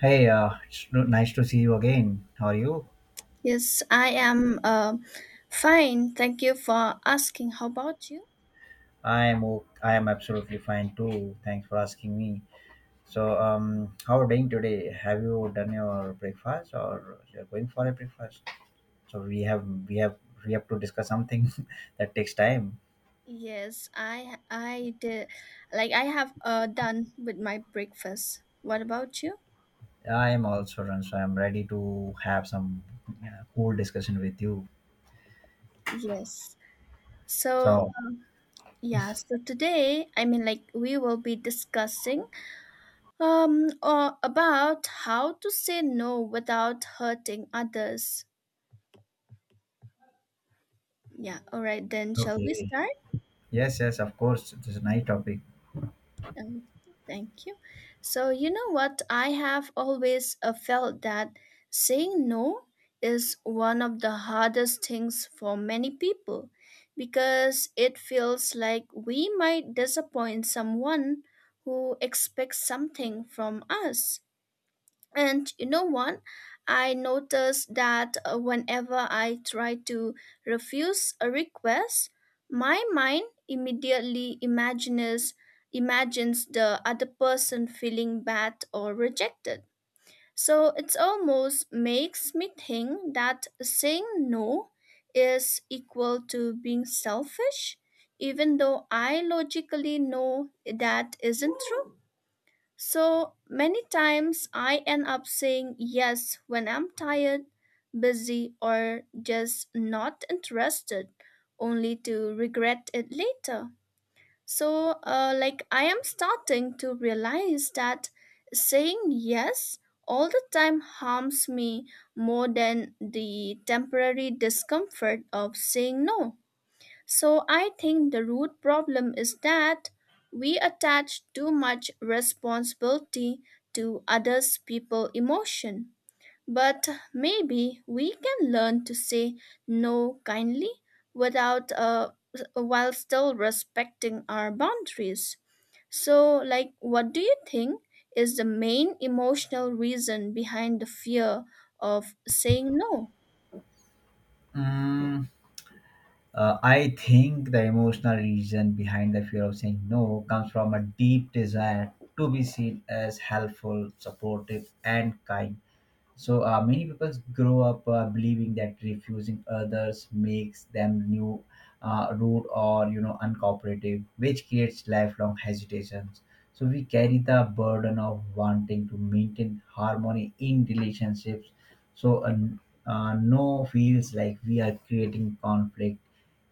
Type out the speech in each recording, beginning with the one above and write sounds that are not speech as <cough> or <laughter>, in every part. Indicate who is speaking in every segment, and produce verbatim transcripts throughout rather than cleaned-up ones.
Speaker 1: Hey, uh, it's no- nice to see you again. How are you?
Speaker 2: Yes, I am uh, fine. Thank you for asking. How about you?
Speaker 1: I am o- I am absolutely fine too. Thanks for asking me. So, um, how are you doing today? Have you done your breakfast or you're going for a breakfast? So we have we have we have to discuss something <laughs> that takes time.
Speaker 2: Yes, I I did like I have uh, done with my breakfast. What about you?
Speaker 1: I am also done, so I'm ready to have some, yeah, cool discussion with you.
Speaker 2: Yes. So
Speaker 1: So,
Speaker 2: yeah, so today I mean like we will be discussing um or about how to say no without hurting others. Yeah, all right then shall we
Speaker 1: okay.
Speaker 2: start?
Speaker 1: Yes, yes, of course. It's a nice topic.
Speaker 2: Um, Thank you. So, you know what? I have always uh, felt that saying no is one of the hardest things for many people because it feels like we might disappoint someone who expects something from us. And you know what? I noticed that uh, whenever I try to refuse a request, my mind immediately imagines imagines the other person feeling bad or rejected. So it almost makes me think that saying no is equal to being selfish, even though I logically know that isn't true. So many times I end up saying yes when I'm tired, busy, or just not interested, only to regret it later. So, uh, like, I am starting to realize that saying yes all the time harms me more than the temporary discomfort of saying no. So I think the root problem is that we attach too much responsibility to others people emotion. But maybe we can learn to say no kindly without uh, while still respecting our boundaries. So like what do you think is the main emotional reason behind the fear of saying no?
Speaker 1: Mm, Uh, I think the emotional reason behind the fear of saying no comes from a deep desire to be seen as helpful, supportive, and kind. So uh, many people grow up uh, believing that refusing others makes them new, uh, rude, or you know uncooperative, which creates lifelong hesitations. So we carry the burden of wanting to maintain harmony in relationships. So uh, uh, no feels like we are creating conflict,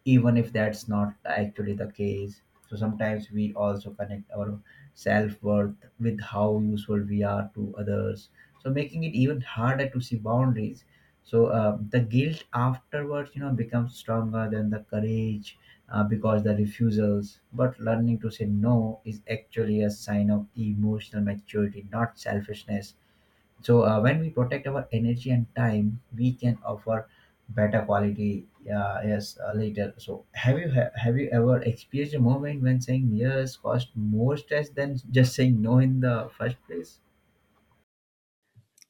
Speaker 1: even if that's not actually the case. So sometimes we also connect our self worth with how useful we are to others, so making it even harder to see boundaries. So uh, the guilt afterwards, you know, becomes stronger than the courage, uh, because the refusals, but learning to say no is actually a sign of emotional maturity, not selfishness. So uh, when we protect our energy and time, we can offer better quality, uh, yes, uh, later. So have you ha- have you ever experienced a moment when saying yes caused more stress than just saying no in the first place?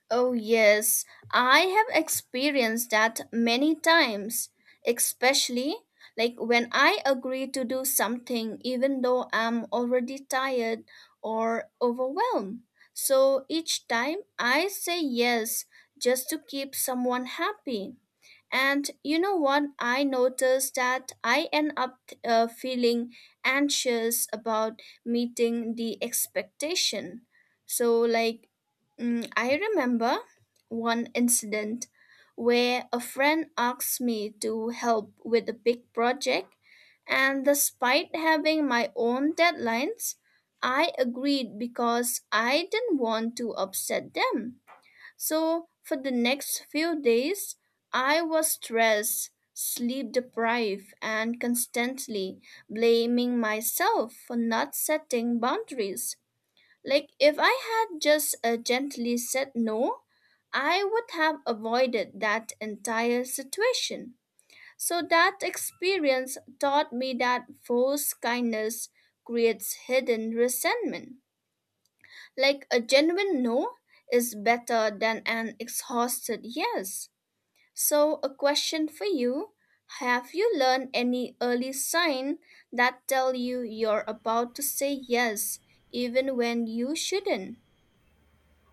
Speaker 2: Oh, yes, I have experienced that many times, especially like when I agree to do something even though I'm already tired or overwhelmed. So each time I say yes just to keep someone happy. And you know what? I noticed that I end up uh, feeling anxious about meeting the expectation. So, like, mm, I remember one incident where a friend asked me to help with a big project, and despite having my own deadlines, I agreed because I didn't want to upset them. So for the next few days, I was stressed, sleep deprived, and constantly blaming myself for not setting boundaries. Like if I had just uh, gently said no, I would have avoided that entire situation. So that experience taught me that false kindness creates hidden resentment. Like a genuine no is better than an exhausted yes. So, a question for you. Have you learned any early sign that tell you you're about to say yes even when you shouldn't?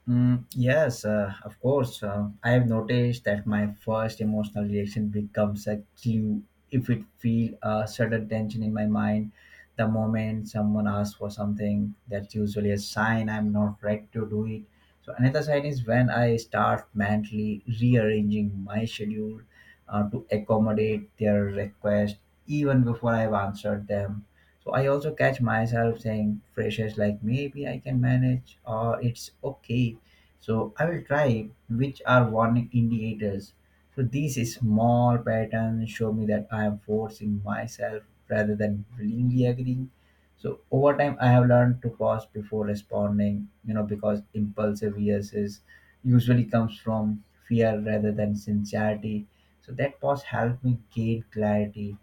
Speaker 1: Mm, yes, uh, of course. Uh, I have noticed that my first emotional reaction becomes a clue if it feel a certain tension in my mind. The moment someone asks for something, that's usually a sign I'm not ready to do it. So another sign is when I start mentally rearranging my schedule uh, to accommodate their request, even before I've answered them. So I also catch myself saying phrases like maybe I can manage or it's okay, so I will try, which are warning indicators. So these small patterns show me that I am forcing myself rather than willingly agreeing. So over time I have learned to pause before responding, you know, because impulsive yeses usually comes from fear rather than sincerity. So that pause helped me gain clarity.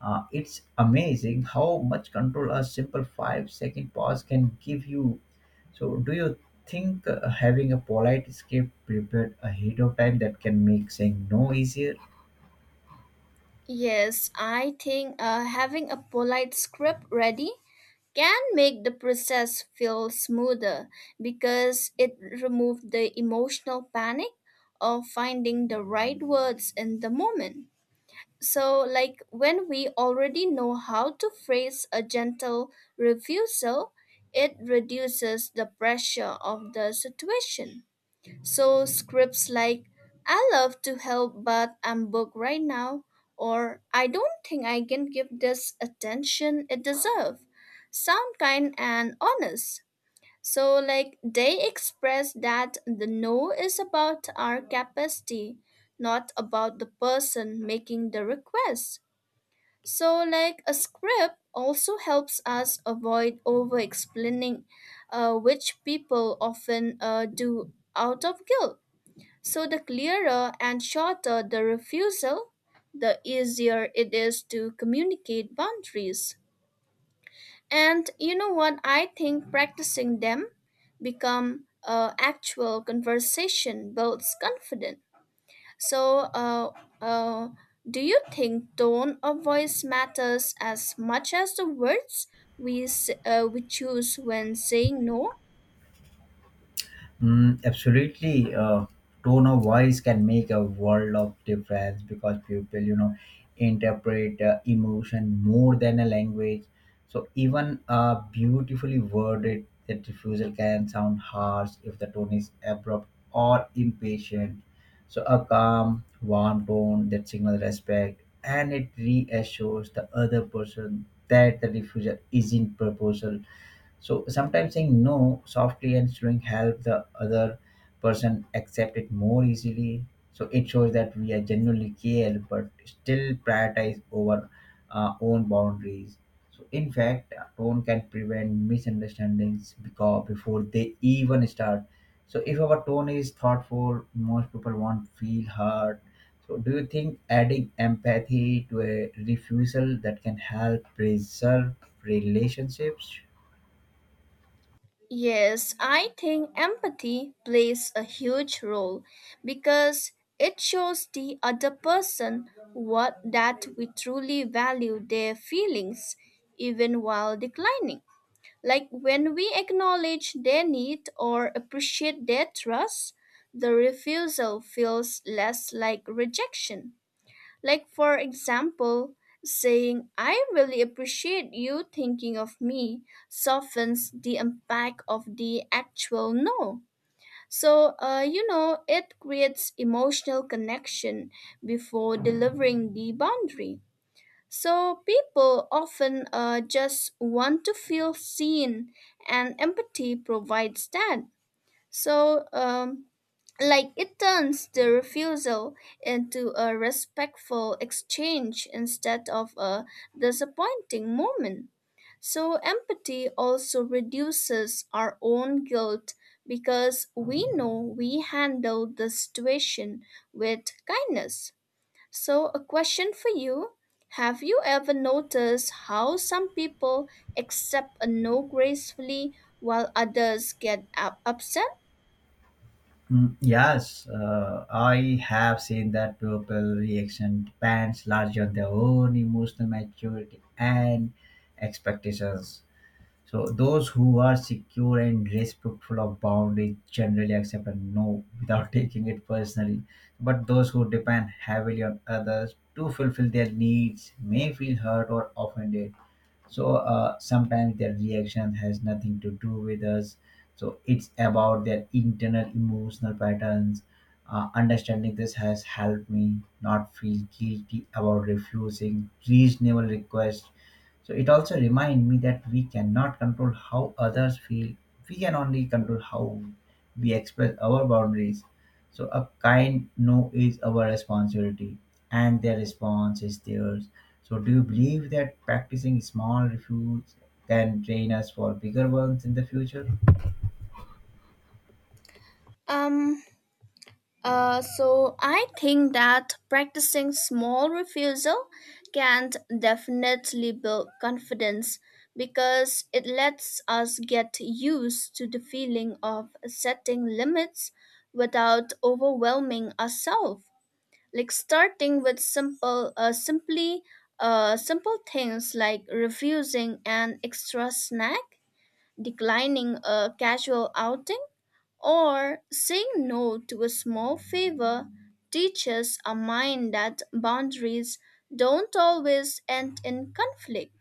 Speaker 1: Uh, it's amazing how much control a simple five second pause can give you. So, do you think uh, having a polite script prepared ahead of time that can make saying no easier?
Speaker 2: Yes, I think uh, having a polite script ready can make the process feel smoother because it removes the emotional panic of finding the right words in the moment. So, like when we already know how to phrase a gentle refusal, it reduces the pressure of the situation. So, scripts like, I love to help, but I'm booked right now, or I don't think I can give this attention it deserves, sound kind and honest. So, like, they express that the no is about our capacity, not about the person making the request. So, like, a script also helps us avoid over explaining, uh, which people often uh, do out of guilt. So, the clearer and shorter the refusal, the easier it is to communicate boundaries. And you know what? I think practicing them become uh, actual conversation builds confidence. So, uh, uh, do you think tone of voice matters as much as the words we s- uh, we choose when saying no?
Speaker 1: Mm, absolutely. Uh, tone of voice can make a world of difference because people, you know, interpret uh, emotion more than a language. So even a beautifully worded that refusal can sound harsh if the tone is abrupt or impatient. So a calm, warm tone that signals respect and it reassures the other person that the refusal isn't proposal. So sometimes saying no softly and slowing help the other person accept it more easily. So it shows that we are genuinely care, but still prioritize over our own boundaries. So in fact, a tone can prevent misunderstandings because before they even start. So if our tone is thoughtful, most people won't feel hurt. So do you think adding empathy to a refusal that can help preserve relationships?
Speaker 2: Yes, I think empathy plays a huge role because it shows the other person what that we truly value their feelings even while declining. Like when we acknowledge their need or appreciate their trust, the refusal feels less like rejection. Like, for example, saying, I really appreciate you thinking of me, softens the impact of the actual no. So, uh, you know, it creates emotional connection before delivering the boundary. So, people often uh, just want to feel seen, and empathy provides that. So, um, like it turns the refusal into a respectful exchange instead of a disappointing moment. So empathy also reduces our own guilt because we know we handled the situation with kindness. So, a question for you. Have you ever noticed how some people accept a no gracefully while others get up- upset?
Speaker 1: Mm, yes, uh, I have seen that people reaction depends largely on their own emotional maturity and expectations. So those who are secure and respectful of boundaries generally accept a no without <laughs> taking it personally. But those who depend heavily on others to fulfill their needs may feel hurt or offended. So uh, sometimes their reaction has nothing to do with us, so it's about their internal emotional patterns. Uh, understanding this has helped me not feel guilty about refusing reasonable requests, so it also reminds me that we cannot control how others feel. We can only control how we express our boundaries, so a kind no is our responsibility and their response is theirs. So, do you believe that practicing small refutes can train us for bigger ones in the future?
Speaker 2: Um, Uh, so I think that practicing small refusal can definitely build confidence because it lets us get used to the feeling of setting limits without overwhelming ourselves. Like starting with simple, uh, simply, uh, simple things like refusing an extra snack declining a casual outing, or saying no to a small favor teaches our mind that boundaries don't always end in conflict.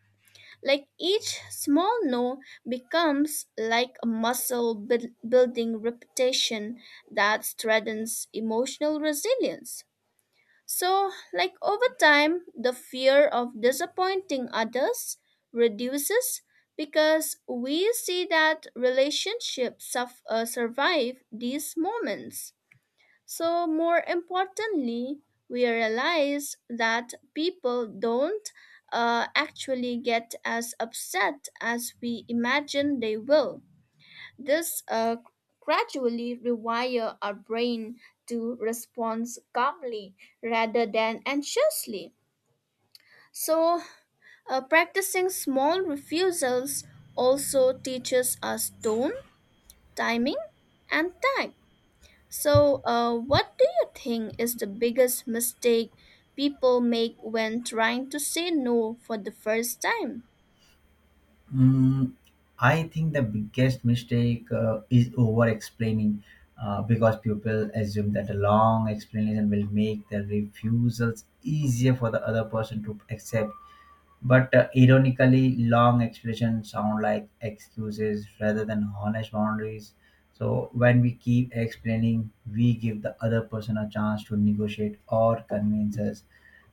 Speaker 2: Like each small no becomes like a muscle buil- building reputation that strengthens emotional resilience. So, like over time, the fear of disappointing others reduces because we see that relationships suf- uh, survive these moments. So, more importantly, we realize that people don't uh, actually get as upset as we imagine they will. This uh, gradually rewire our brain to respond calmly rather than anxiously. So, uh, practicing small refusals also teaches us tone, timing, and tact. So, uh, what do you think is the biggest mistake people make when trying to say no for the first time?
Speaker 1: Mm, I think the biggest mistake uh, is over explaining, uh, because people assume that a long explanation will make the refusals easier for the other person to accept. But uh, ironically, long explanations sound like excuses rather than honest boundaries. So when we keep explaining, we give the other person a chance to negotiate or convince us.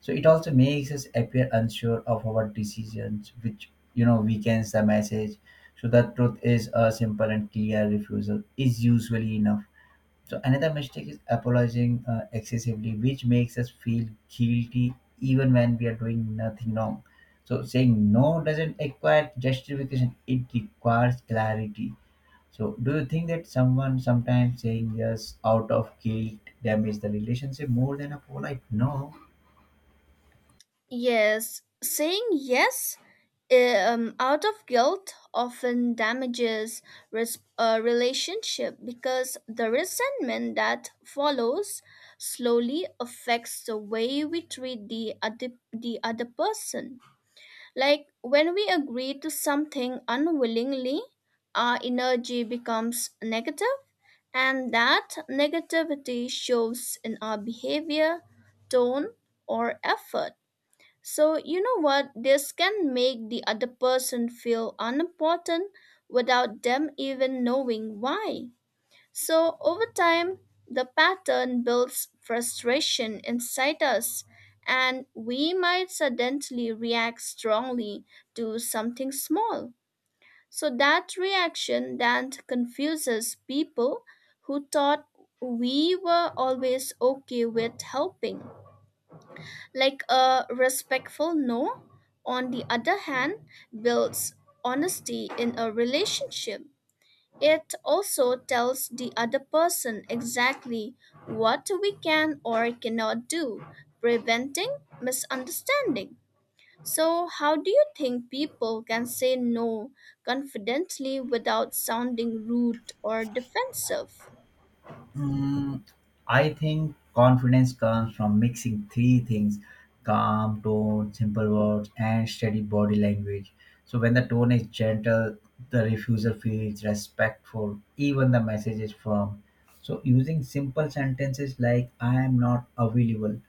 Speaker 1: So it also makes us appear unsure of our decisions, which you know weakens the message. So the truth is a simple and clear refusal is usually enough. So another mistake is apologizing uh, excessively, which makes us feel guilty even when we are doing nothing wrong. So saying no doesn't require justification; it requires clarity. So do you think that someone sometimes saying yes out of guilt damages the relationship more than a polite no?
Speaker 2: Yes, saying yes um, out of guilt often damages res- a relationship because the resentment that follows slowly affects the way we treat the other, the other person. Like when we agree to something unwillingly, our energy becomes negative, and that negativity shows in our behavior, tone, or effort so, you know what? This can make the other person feel unimportant without them even knowing why. So, over time, the pattern builds frustration inside us, and we might suddenly react strongly to something small. So, that reaction then confuses people who thought we were always okay with helping. Like a respectful no, on the other hand, builds honesty in a relationship. It also tells the other person exactly what we can or cannot do, preventing misunderstanding. So, how do you think people can say no confidently without sounding rude or defensive?
Speaker 1: Mm, I think confidence comes from mixing three things: calm tone, simple words, and steady body language. So, when the tone is gentle, the refuser feels respectful, even the message is firm. So, using simple sentences like I am not available,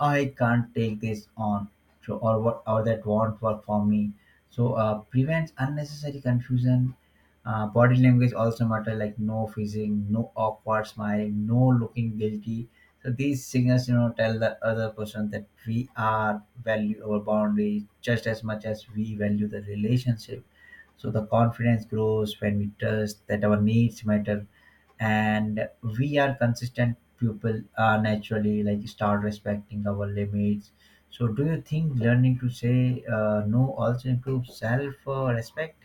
Speaker 1: I can't take this on, so or what or that won't work for me. So uh, prevents unnecessary confusion. Uh, body language also matter like no fizzing, no awkward smiling, no looking guilty. So these signals, you know, tell the other person that we are value our boundaries just as much as we value the relationship. So the confidence grows when we trust that our needs matter and we are consistent, people are naturally like start respecting our limits. So do you think learning to say, uh, no also improves self, uh, respect?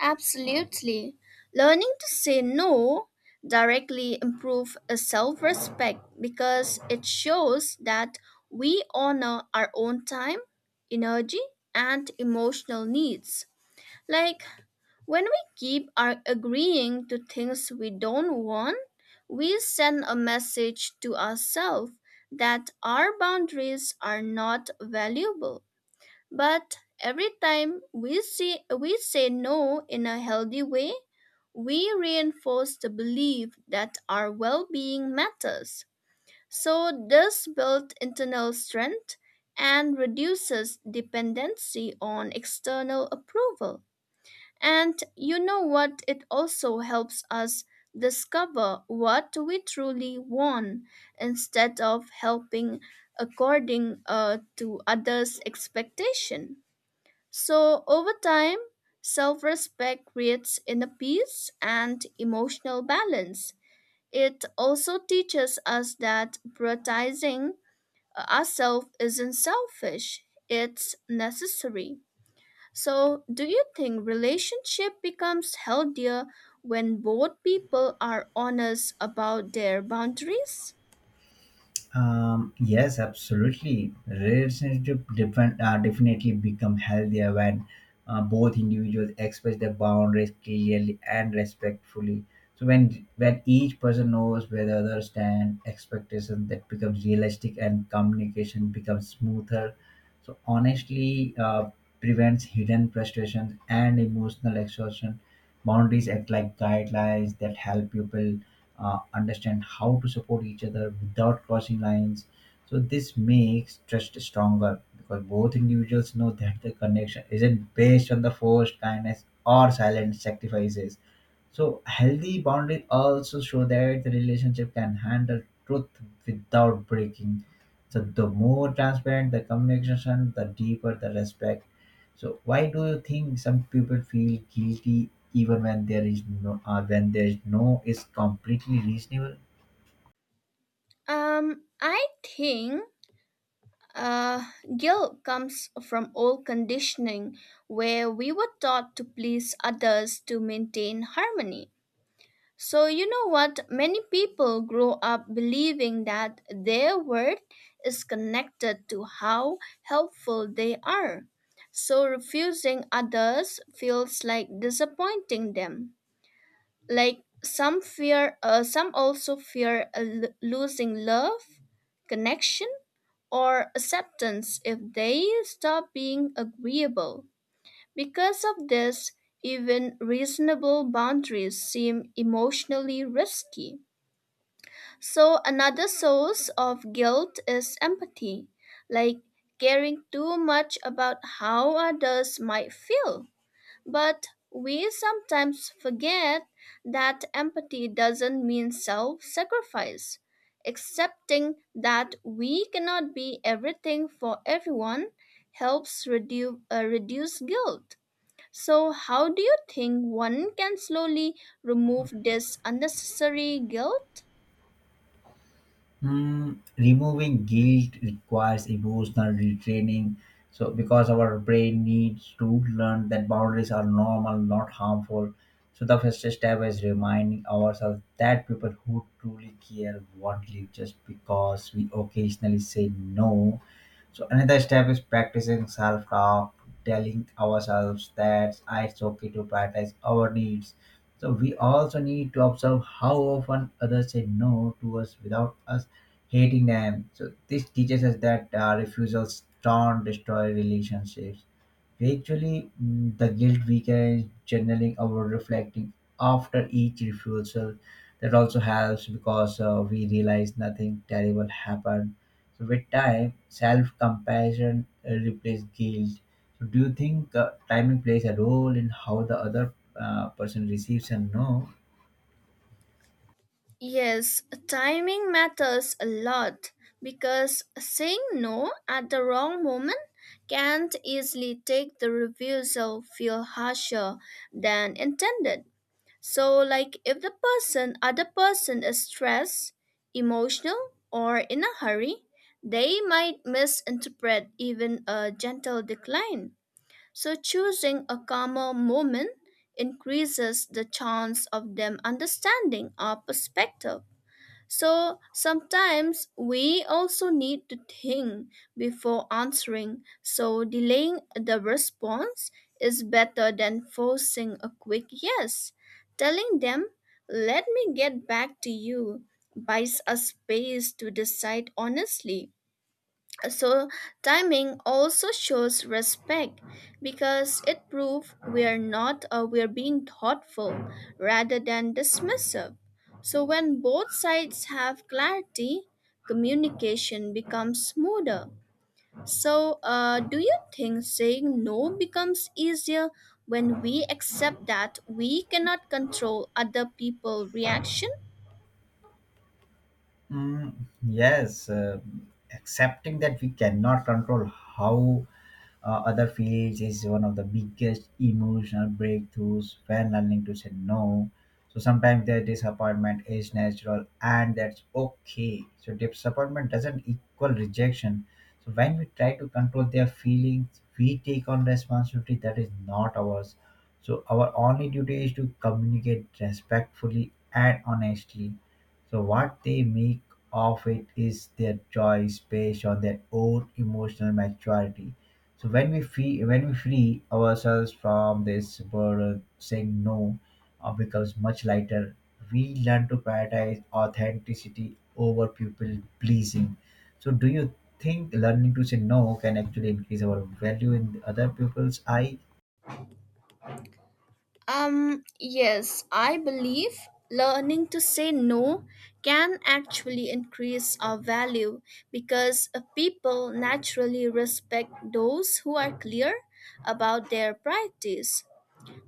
Speaker 2: Absolutely. Learning to say no directly improve self-respect because it shows that we honor our own time, energy, and emotional needs. Like when we keep our agreeing to things we don't want, we send a message to ourselves that our boundaries are not valuable. But every time we see we say no in a healthy way, we reinforce the belief that our well-being matters. So this builds internal strength and reduces dependency on external approval. And you know what? It also helps us discover what we truly want instead of helping according uh, to others' expectation. So over time, self respect creates inner peace and emotional balance. It also teaches us that prioritizing ourselves isn't selfish, it's necessary. So, do you think relationship becomes healthier when both people are honest about their boundaries?
Speaker 1: Um, yes, absolutely. Relationships different, uh, definitely become healthier when uh, both individuals express their boundaries clearly and respectfully. So when when each person knows where the other stand, expectation that becomes realistic and communication becomes smoother. So honestly, uh, prevents hidden frustrations and emotional exhaustion. Boundaries act like guidelines that help people uh, understand how to support each other without crossing lines. So this makes trust stronger because both individuals know that the connection isn't based on the forced kindness or silent sacrifices. So healthy boundaries also show that the relationship can handle truth without breaking. So the more transparent the communication, the deeper the respect. So why do you think some people feel guilty even when there is no, or when there is no is completely reasonable?
Speaker 2: Um, I think Uh, Guilt comes from old conditioning where we were taught to please others to maintain harmony. So, you know what? Many people grow up believing that their worth is connected to how helpful they are. So, refusing others feels like disappointing them. Like some fear, uh, some also fear uh, lo- losing love, connection or acceptance if they stop being agreeable. Because of this, even reasonable boundaries seem emotionally risky. So, another source of guilt is empathy, like caring too much about how others might feel. But we sometimes forget that empathy doesn't mean self sacrifice. Accepting that we cannot be everything for everyone helps reduce, uh, reduce guilt. So, how do you think one can slowly remove this unnecessary guilt?
Speaker 1: Hmm, removing guilt requires emotional retraining. So, because our brain needs to learn that boundaries are normal, not harmful. So, the first step is reminding ourselves that people who truly care won't leave just because we occasionally say no. So, another step is practicing self talk, telling ourselves that it's okay to prioritize our needs. So, we also need to observe how often others say no to us without us hating them. So this teaches us that uh, refusals don't destroy relationships. Actually, mm, the guilt weakens journaling or reflecting after each refusal. That also helps because uh, we realize nothing terrible happened. So with time, self-compassion uh, replaces guilt. So do you think uh, timing plays a role in how the other, uh, person receives a no?
Speaker 2: Yes, timing matters a lot because saying no at the wrong moment can easily take the refusal feel harsher than intended. So like if the person other person is stressed, emotional or in a hurry, they might misinterpret even a gentle decline. So choosing a calmer moment increases the chance of them understanding our perspective. So sometimes we also need to think before answering, so delaying the response is better than forcing a quick yes. Telling them, let me get back to you, buys us space to decide honestly. So, timing also shows respect because it proves we're not uh, we're being thoughtful rather than dismissive. So, when both sides have clarity, communication becomes smoother. So, uh, do you think saying no becomes easier when we accept that we cannot control other people's reaction?
Speaker 1: Mm, yes, uh, accepting that we cannot control how uh, other fields is one of the biggest emotional breakthroughs when learning to say no. So sometimes their disappointment is natural and that's okay. So disappointment doesn't equal rejection. So when we try to control their feelings, we take on responsibility that is not ours. So our only duty is to communicate respectfully and honestly. So what they make of it is their choice based on their own emotional maturity. So when we free when we free ourselves from this burden, saying no uh, becomes much lighter. We learn to prioritize authenticity over people pleasing. So do you think learning to say no can actually increase our value in other people's eye?
Speaker 2: Um, yes, I believe learning to say no can actually increase our value because uh, people naturally respect those who are clear about their priorities.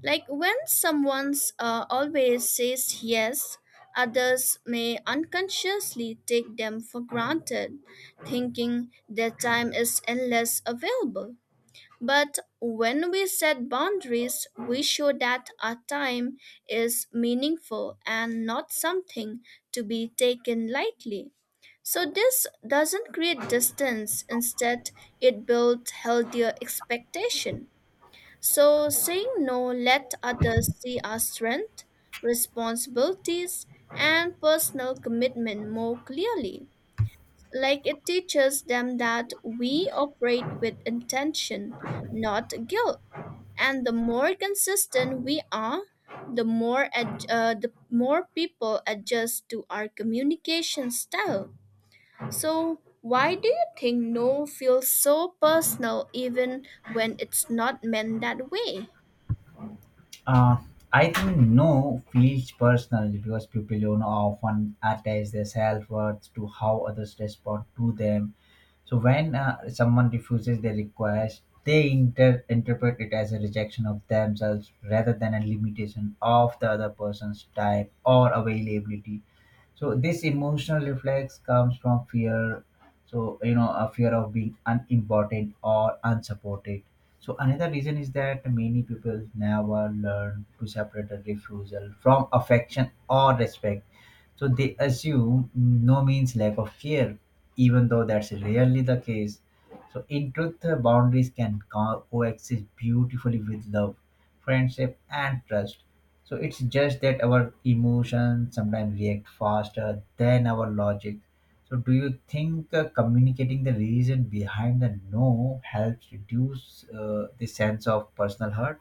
Speaker 2: Like when someone's uh, always says yes, others may unconsciously take them for granted, thinking their time is endless available. But when we set boundaries, we show that our time is meaningful and not something to be taken lightly. So this doesn't create distance, instead, it builds healthier expectation. So saying no let others see our strength, responsibilities, and personal commitment more clearly. Like it teaches them that we operate with intention, not guilt. And the more consistent we are, the more ad- uh, the more people adjust to our communication style. So why do you think no feels so personal even when it's not meant that way?
Speaker 1: Uh, I think no feels personal because people you know often attach their self worth to how others respond to them. So when uh, someone refuses their request, they inter- interpret it as a rejection of themselves rather than a limitation of the other person's time or availability. So this emotional reflex comes from fear. So you know a fear of being unimportant or unsupported. So another reason is that many people never learn to separate a refusal from affection or respect. So they assume no means lack of care, even though that's rarely the case. So, in truth, uh, boundaries can co- coexist beautifully with love, friendship, and trust. So, it's just that our emotions sometimes react faster than our logic. So, do you think uh, communicating the reason behind the no helps reduce uh, the sense of personal hurt?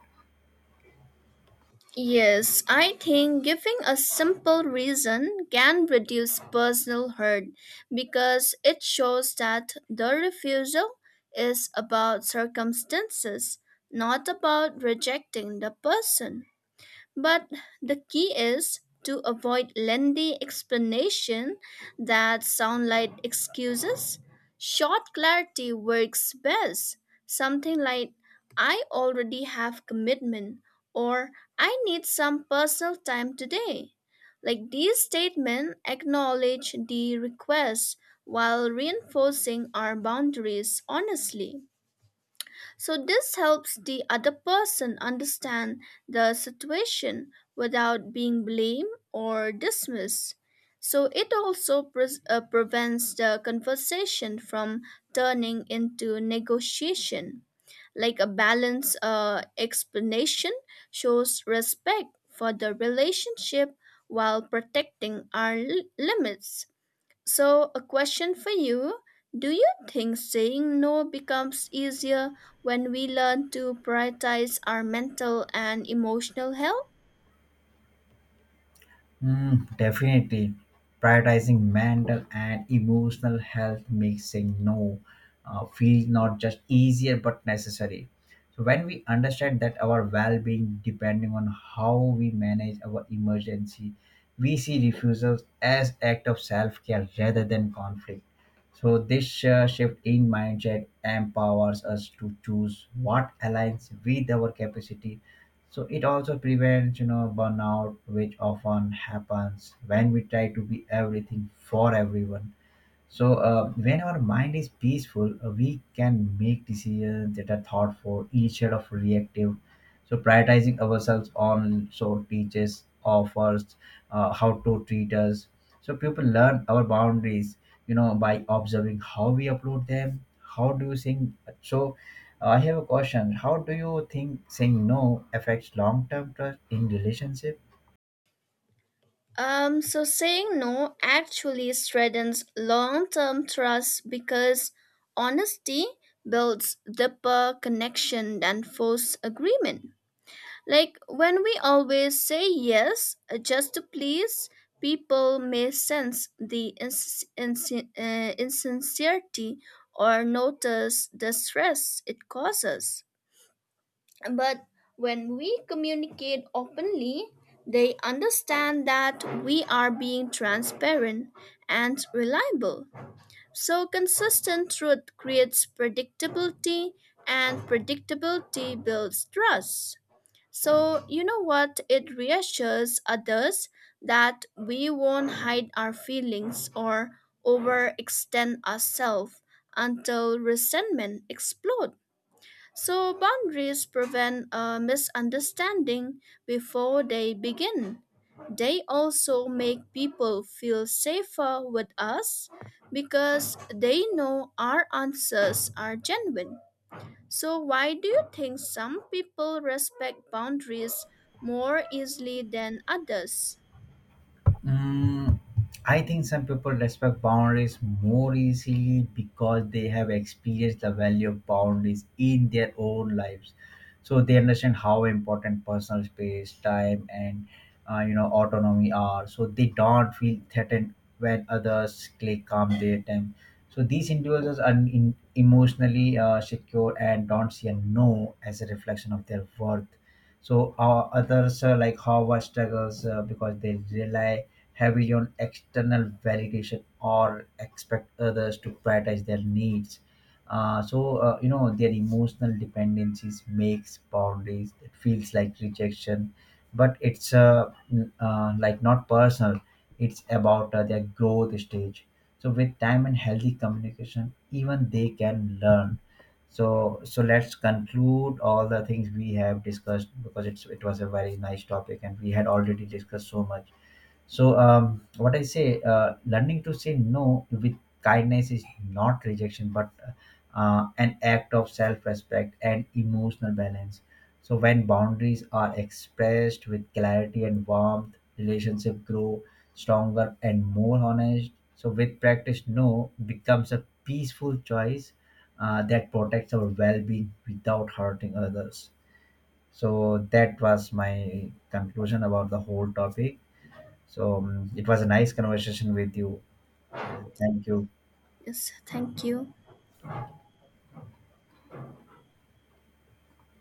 Speaker 2: Yes, I think giving a simple reason can reduce personal hurt because it shows that the refusal is about circumstances, not about rejecting the person. But the key is to avoid lengthy explanation that sound like excuses. Short clarity works best. Something like I already have commitment or I need some personal time today. Like these statements acknowledge the request while reinforcing our boundaries honestly. So, this helps the other person understand the situation without being blamed or dismissed. So, it also pres uh, prevents the conversation from turning into negotiation. Like a balanced uh, explanation shows respect for the relationship while protecting our l- limits. So, a question for you. Do you think saying no becomes easier when we learn to prioritize our mental and emotional health?
Speaker 1: Mm, definitely. Prioritizing mental and emotional health makes saying no uh, feel not just easier but necessary. So when we understand that our well-being depending on how we manage our emergency, we see refusals as act of self-care rather than conflict. So this uh, shift in mindset empowers us to choose what aligns with our capacity, so it also prevents, you know, burnout, which often happens when we try to be everything for everyone. So uh, when our mind is peaceful, uh, we can make decisions that are thoughtful instead of reactive. So prioritizing ourselves on so teaches offers uh, how to treat us. So people learn our boundaries, you know, by observing how we upload them. How do you think? So uh, I have a question. How do you think saying no affects long-term trust in relationship?
Speaker 2: Um, so, saying no actually strengthens long term trust because honesty builds deeper connection than forced agreement. Like when we always say yes uh, just to please, people may sense the ins- insin- uh, insincerity or notice the stress it causes. But when we communicate openly, they understand that we are being transparent and reliable. So, consistent truth creates predictability, and predictability builds trust. So, you know what? It reassures others that we won't hide our feelings or overextend ourselves until resentment explodes. So, boundaries prevent a misunderstanding before they begin. They also make people feel safer with us because they know our answers are genuine. So, why do you think some people respect boundaries more easily than others?
Speaker 1: Mm, I think some people respect boundaries more easily because they have experienced the value of boundaries in their own lives. So they understand how important personal space, time, and uh, you know autonomy are. So they don't feel threatened when others click calm their time. So these individuals are in, emotionally uh, secure and don't see a no as a reflection of their worth. So uh, others uh, like Howard struggles, uh, because they rely heavy on external validation or expect others to prioritize their needs. Uh, so uh, you know their emotional dependencies makes boundaries that feels like rejection, but it's uh, n- uh, like not personal. It's about uh, their growth stage. So with time and healthy communication, even they can learn. So so let's conclude all the things we have discussed because it's it was a very nice topic and we had already discussed so much. So um, what I say, uh, learning to say no with kindness is not rejection, but uh, an act of self-respect and emotional balance. So when boundaries are expressed with clarity and warmth, relationship grow stronger and more honest. So with practice, no becomes a peaceful choice uh, that protects our well-being without hurting others. So that was my conclusion about the whole topic. So um, it was a nice conversation with you. Yeah, thank you.
Speaker 2: Yes, thank you.